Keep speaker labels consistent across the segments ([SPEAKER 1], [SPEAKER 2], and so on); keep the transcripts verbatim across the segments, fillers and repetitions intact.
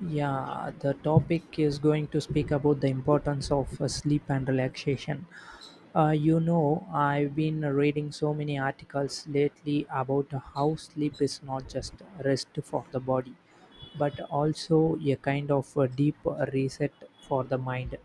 [SPEAKER 1] Yeah, the topic is going to speak about the importance of uh, sleep and relaxation. Uh, you know, I've been reading so many articles lately about how sleep is not just rest for the body, but also a kind of a deep reset for the mind.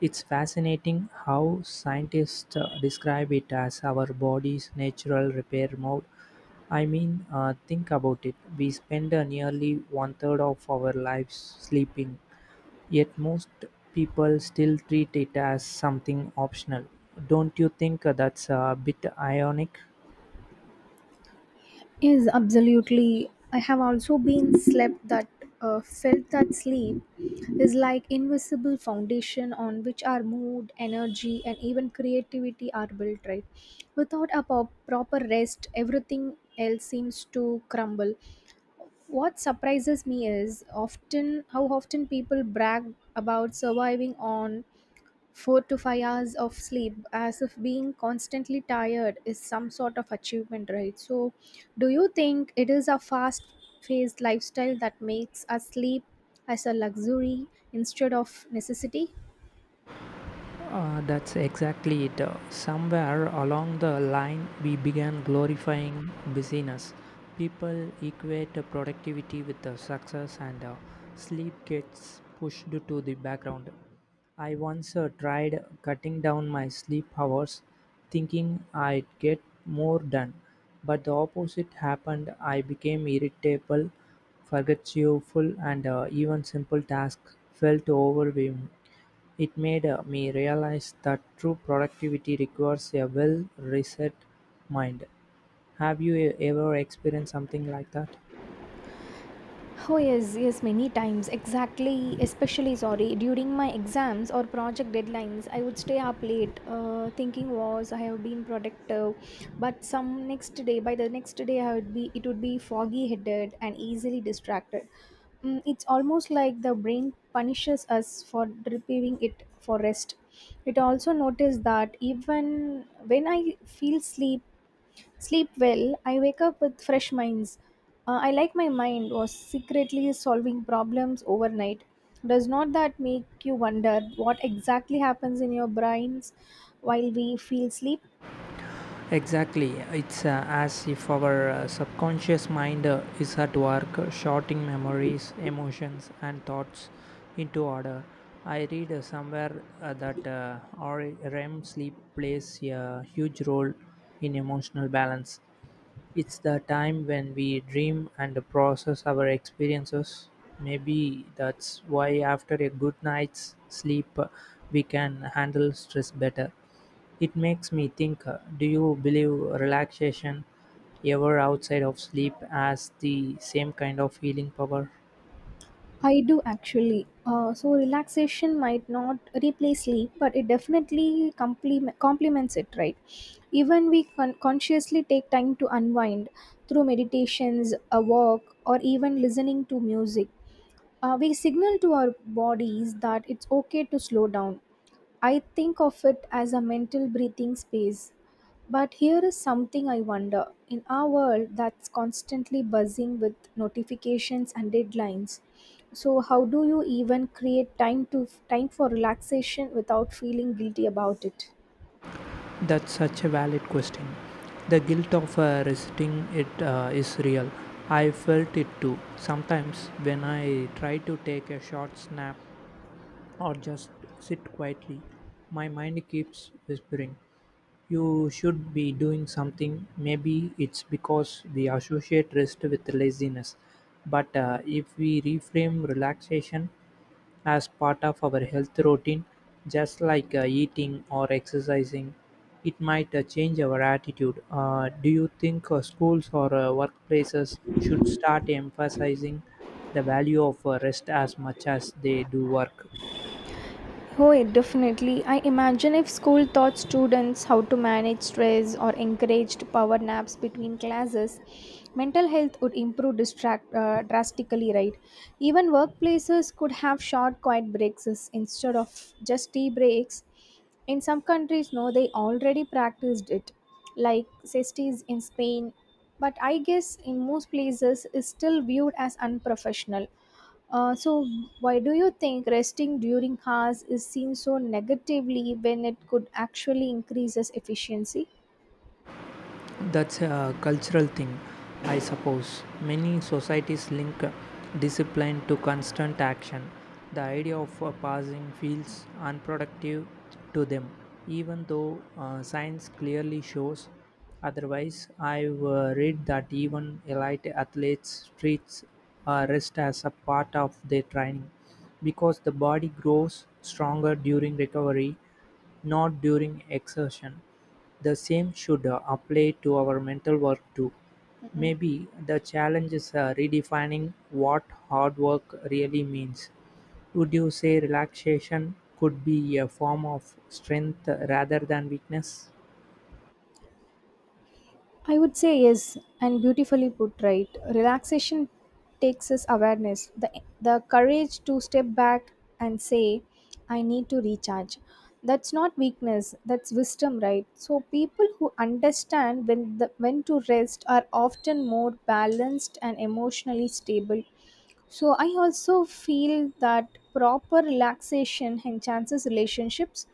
[SPEAKER 1] It's fascinating how scientists uh, describe it as our body's natural repair mode. I mean, uh, think about it. We spend uh, nearly one third of our lives sleeping, yet most people still treat it as something optional. Don't you think uh, that's a bit ironic?
[SPEAKER 2] Yes, absolutely. I have also been slept that uh, felt that sleep is like invisible foundation on which our mood, energy, and even creativity are built. Right, without a po- proper rest, everything else seems to crumble. What surprises me is often how often people brag about surviving on four to five hours of sleep as if being constantly tired is some sort of achievement, right? So do you think it is a fast paced lifestyle that makes us sleep as a luxury instead of necessity?
[SPEAKER 1] Uh, that's exactly it. Uh, Somewhere along the line, we began glorifying busyness. People equate uh, productivity with uh, success, and uh, sleep gets pushed to the background. I once uh, tried cutting down my sleep hours, thinking I'd get more done, but the opposite happened. I became irritable, forgetful, and uh, even simple tasks felt overwhelming. It made uh, me realize that true productivity requires a well-reset mind. Have you e- ever experienced something like that?
[SPEAKER 2] Oh yes, yes, many times. Exactly, especially sorry. During my exams or project deadlines, I would stay up late, uh, thinking was I have been productive, but some next day, by the next day, I would be it would be foggy headed and easily distracted. Mm, it's almost like the brain punishes us for depriving it for rest. It also noticed that even when I feel sleep sleep well, I wake up with fresh minds. Uh, I like my mind was secretly solving problems overnight. Does not that make you wonder what exactly happens in your brains while we feel sleep?
[SPEAKER 1] Exactly, it's uh, as if our uh, subconscious mind uh, is at work uh, sorting memories, emotions, and thoughts into order. I read uh, somewhere uh, that uh, our R E M sleep plays a huge role in emotional balance. It's the time when we dream and process our experiences. Maybe that's why, after a good night's sleep, uh, we can handle stress better. It makes me think, uh, do you believe relaxation ever outside of sleep has the same kind of healing power?
[SPEAKER 2] I do actually. Uh, so relaxation might not replace sleep, but it definitely compliment, complements it, right? Even we con- consciously take time to unwind through meditations, a walk, or even listening to music. Uh, we signal to our bodies that it's okay to slow down. I think of it as a mental breathing space. But here is something I wonder. In our world that's constantly buzzing with notifications and deadlines, so how do you even create time to time for relaxation without feeling guilty about it?
[SPEAKER 1] That's such a valid question. The guilt of uh, resisting it uh, is real. I felt it too. Sometimes when I try to take a short nap or just sit quietly. My mind keeps whispering, "You should be doing something." Maybe it's because we associate rest with laziness. But uh, if we reframe relaxation as part of our health routine, just like uh, eating or exercising, it might uh, change our attitude. Uh, do you think uh, schools or uh, workplaces should start emphasizing the value of uh, rest as much as they do work?
[SPEAKER 2] Oh, yeah, definitely. I imagine if school taught students how to manage stress or encouraged power naps between classes, mental health would improve distract, uh, drastically, right? Even workplaces could have short, quiet breaks is- instead of just tea breaks. In some countries, no, they already practiced it, like cestis in Spain. But I guess in most places, is still viewed as unprofessional. Uh, so, why do you think resting during hours is seen so negatively when it could actually increase its efficiency?
[SPEAKER 1] That's a cultural thing, I suppose. Many societies link discipline to constant action. The idea of uh, passing feels unproductive to them, even though uh, science clearly shows otherwise. I've uh, read that even elite athletes treats uh, rest as a part of their training because the body grows stronger during recovery, not during exertion. The same should uh, apply to our mental work too.
[SPEAKER 2] Mm-mm.
[SPEAKER 1] Maybe the challenge is uh, redefining what hard work really means. Would you say relaxation could be a form of strength rather than weakness?
[SPEAKER 2] I would say yes, and beautifully put right. Relaxation takes us awareness, the, the courage to step back and say, I need to recharge. That's not weakness, that's wisdom, right? So, people who understand when, the, when to rest are often more balanced and emotionally stable. So I also feel that proper relaxation enhances relationships.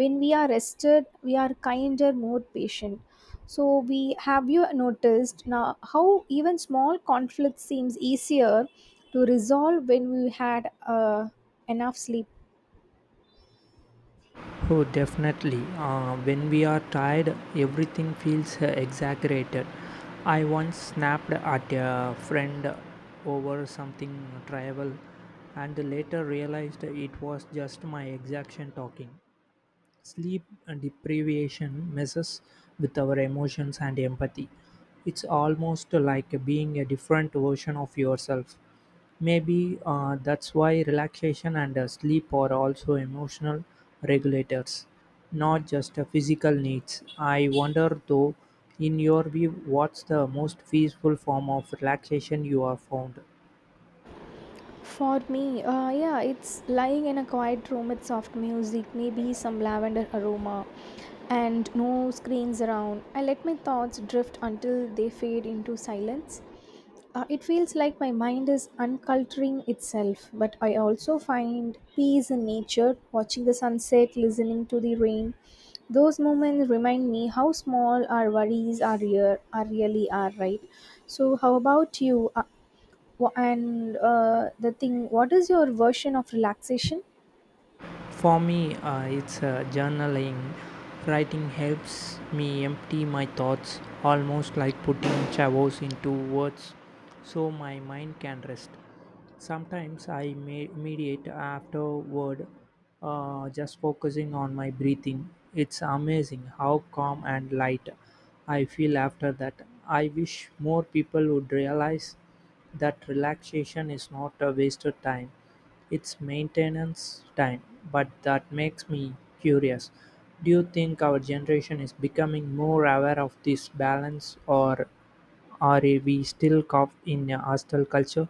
[SPEAKER 2] When we are rested we are kinder, more patient. So we Have you noticed now how even small conflict seems easier to resolve when we had uh, enough sleep?
[SPEAKER 1] Oh, definitely. Uh, when we are tired, everything feels uh, exaggerated. I once snapped at a friend over something trivial and later realized it was just my exhaustion talking. Sleep deprivation messes with our emotions and empathy. It's almost like being a different version of yourself. Maybe uh, that's why relaxation and uh, sleep are also emotional regulators, not just uh, physical needs. I wonder though, in your view, what's the most peaceful form of relaxation you have found?
[SPEAKER 2] For me, uh, yeah, it's lying in a quiet room with soft music, maybe some lavender aroma, and no screens around. I let my thoughts drift until they fade into silence. Uh, it feels like my mind is unculturing itself, but I also find peace in nature, watching the sunset, listening to the rain. Those moments remind me how small our worries are, real, are really are, right? So, how about you? Uh, Wha- and uh, the thing what is your version of relaxation?
[SPEAKER 1] For me, uh, it's uh, journaling. Writing helps me empty my thoughts, almost like putting chavos into words, so my mind can rest. Sometimes I may meditate afterward, uh, just focusing on my breathing. It's amazing how calm and light I feel after that. I wish more people would realize that relaxation is not a wasted time, its maintenance time, but that makes me curious. Do you think our generation is becoming more aware of this balance, or are we still caught in a hostile culture?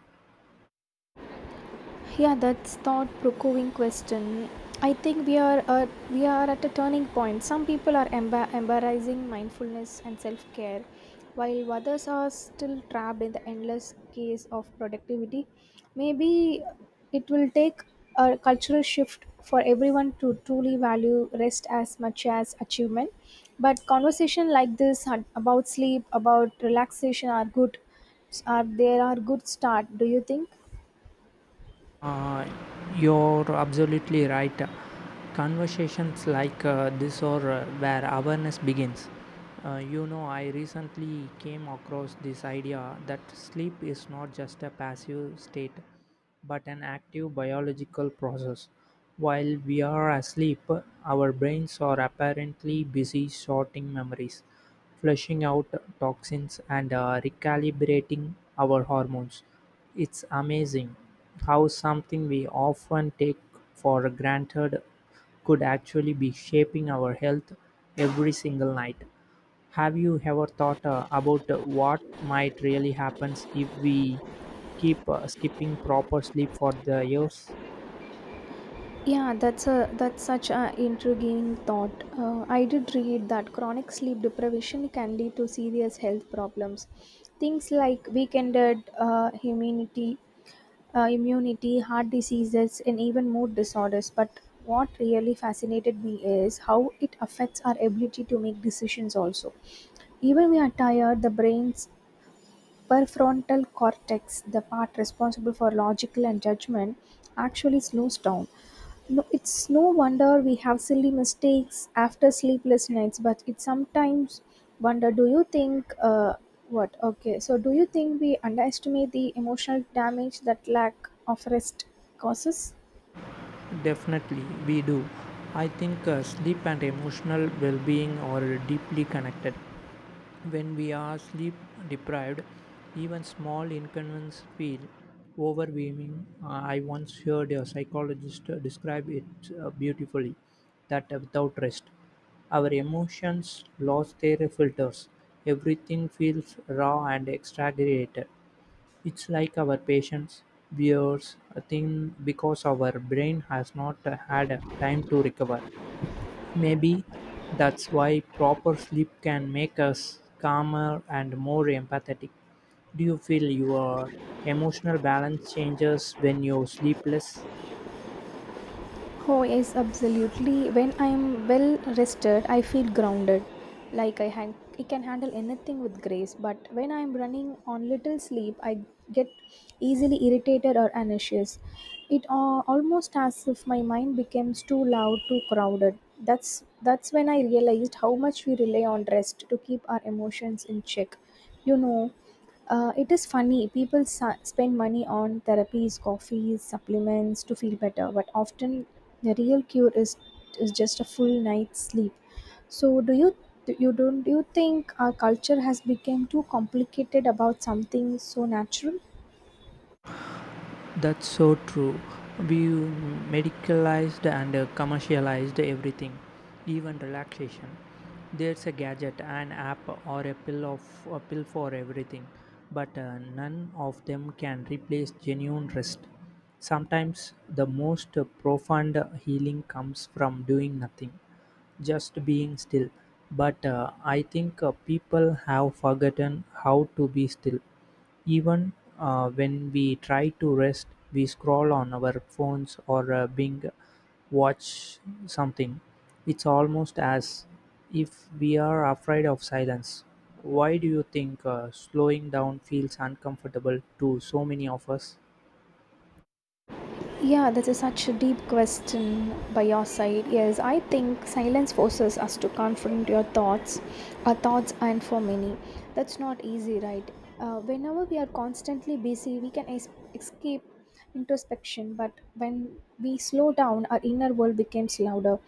[SPEAKER 2] Yeah, that's thought provoking question. I think we are at, we are at a turning point. Some people are emba- embarrassing mindfulness and self-care, while others are still trapped in the endless case of productivity. Maybe it will take a cultural shift for everyone to truly value rest as much as achievement, but conversation like this had- about sleep, about relaxation are good are there, are good start, do you think?
[SPEAKER 1] Uh, you're absolutely right. Conversations like uh, this are uh, where awareness begins. Uh, you know, I recently came across this idea that sleep is not just a passive state but an active biological process. While we are asleep, our brains are apparently busy sorting memories, flushing out toxins, and uh, recalibrating our hormones. It's amazing how something we often take for granted could actually be shaping our health every single night. Have you ever thought uh, about uh, what might really happen if we keep uh, skipping proper sleep for the years?
[SPEAKER 2] Yeah, that's a that's such an intriguing thought. Uh, I did read that chronic sleep deprivation can lead to serious health problems, things like weakened uh, immunity, uh, immunity, heart diseases, and even mood disorders. But what really fascinated me is how it affects our ability to make decisions. Also, even we are tired, the brain's prefrontal cortex, the part responsible for logical and judgment, actually slows down. No, it's no wonder we have silly mistakes after sleepless nights, but it sometimes wonder do you think uh, what okay so do you think we underestimate the emotional damage that lack of rest causes?
[SPEAKER 1] Definitely, we do. I think uh, sleep and emotional well being are deeply connected. When we are sleep deprived, even small inconveniences feel overwhelming. Uh, I once heard a psychologist uh, describe it uh, beautifully that without rest, our emotions lost their filters. Everything feels raw and exaggerated. It's like our patience wears a thin because our brain has not uh, had uh, time to recover. Maybe that's why proper sleep can make us calmer and more empathetic. Do you feel your emotional balance changes when you sleep less?
[SPEAKER 2] Oh, yes, absolutely. When I'm well rested, I feel grounded. Like I, han- I can handle anything with grace, but when I'm running on little sleep, I get easily irritated or anxious. It uh, almost as if my mind becomes too loud, too crowded. That's that's when I realized how much we rely on rest to keep our emotions in check. You know, uh, it is funny, people sa- spend money on therapies, coffees, supplements to feel better, but often the real cure is is just a full night's sleep. So, do you do you don't do you think our culture has become too complicated about something so natural?
[SPEAKER 1] That's so true. We medicalized and uh, commercialized everything, even relaxation. There's a gadget, an app, or a pill of a pill for everything, but uh, none of them can replace genuine rest. Sometimes the most profound healing comes from doing nothing, just being still. But uh, I think uh, people have forgotten how to be still. Even uh, when we try to rest, we scroll on our phones or uh, bing watch something. It's almost as if we are afraid of silence. Why do you think uh, slowing down feels uncomfortable to so many of us?
[SPEAKER 2] Yeah, this is such a deep question by your side. Yes, I think silence forces us to confront your thoughts, our thoughts, and for many, that's not easy, right? Uh, whenever we are constantly busy, we can es- escape introspection, but when we slow down, our inner world becomes louder.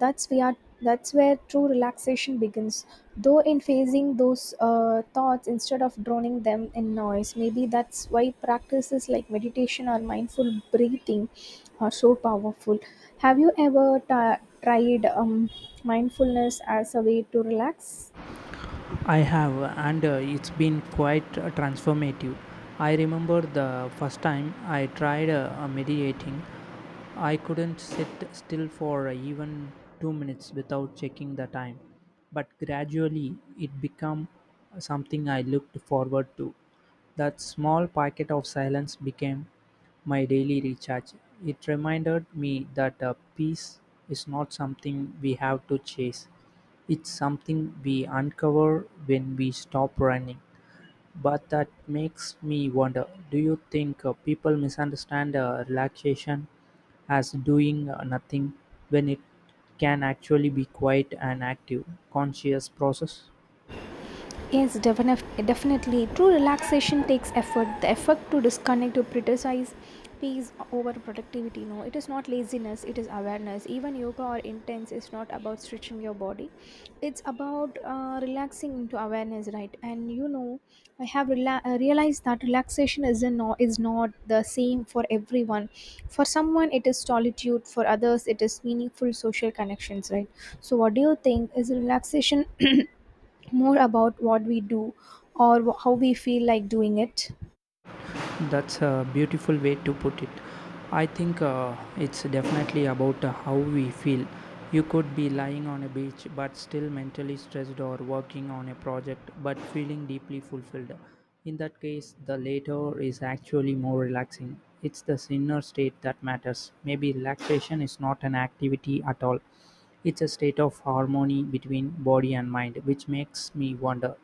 [SPEAKER 2] That's we are. That's where true relaxation begins. Though in facing those uh, thoughts instead of drowning them in noise, maybe that's why practices like meditation or mindful breathing are so powerful. Have you ever ta tried um, mindfulness as a way to relax?
[SPEAKER 1] I have, and uh, it's been quite uh, transformative. I remember the first time I tried uh, uh, meditating, I couldn't sit still for uh, even two minutes without checking the time. But gradually, it became something I looked forward to. That small packet of silence became my daily recharge. It reminded me that uh, peace is not something we have to chase, it's something we uncover when we stop running. But that makes me wonder, do you think uh, people misunderstand uh, relaxation as doing uh, nothing when it can actually be quite an active, conscious process?
[SPEAKER 2] Yes, definif- definitely. True relaxation takes effort. The effort to disconnect, to prioritize peace over productivity. No, it is not laziness, it is awareness. Even yoga or intense is not about stretching your body, it's about uh, relaxing into awareness, right? And you know, I have rela- uh, realized that relaxation is, a no- is not the same for everyone. For someone, it is solitude, for others, it is meaningful social connections, right? So, what do you think? Is relaxation more about what we do or wh- how we feel like doing it?
[SPEAKER 1] That's a beautiful way to put it. I think uh, it's definitely about uh, how we feel. You could be lying on a beach but still mentally stressed or working on a project but feeling deeply fulfilled. In that case, the latter is actually more relaxing. It's the inner state that matters. Maybe relaxation is not an activity at all. It's a state of harmony between body and mind, which makes me wonder.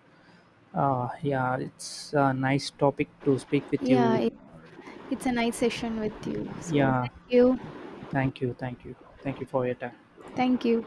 [SPEAKER 1] Uh, yeah, it's a nice topic to speak with
[SPEAKER 2] Yeah, it,
[SPEAKER 1] you.
[SPEAKER 2] it's a nice session with you. So
[SPEAKER 1] Yeah,
[SPEAKER 2] thank you.
[SPEAKER 1] thank you, thank you, thank you for your time.
[SPEAKER 2] Thank you.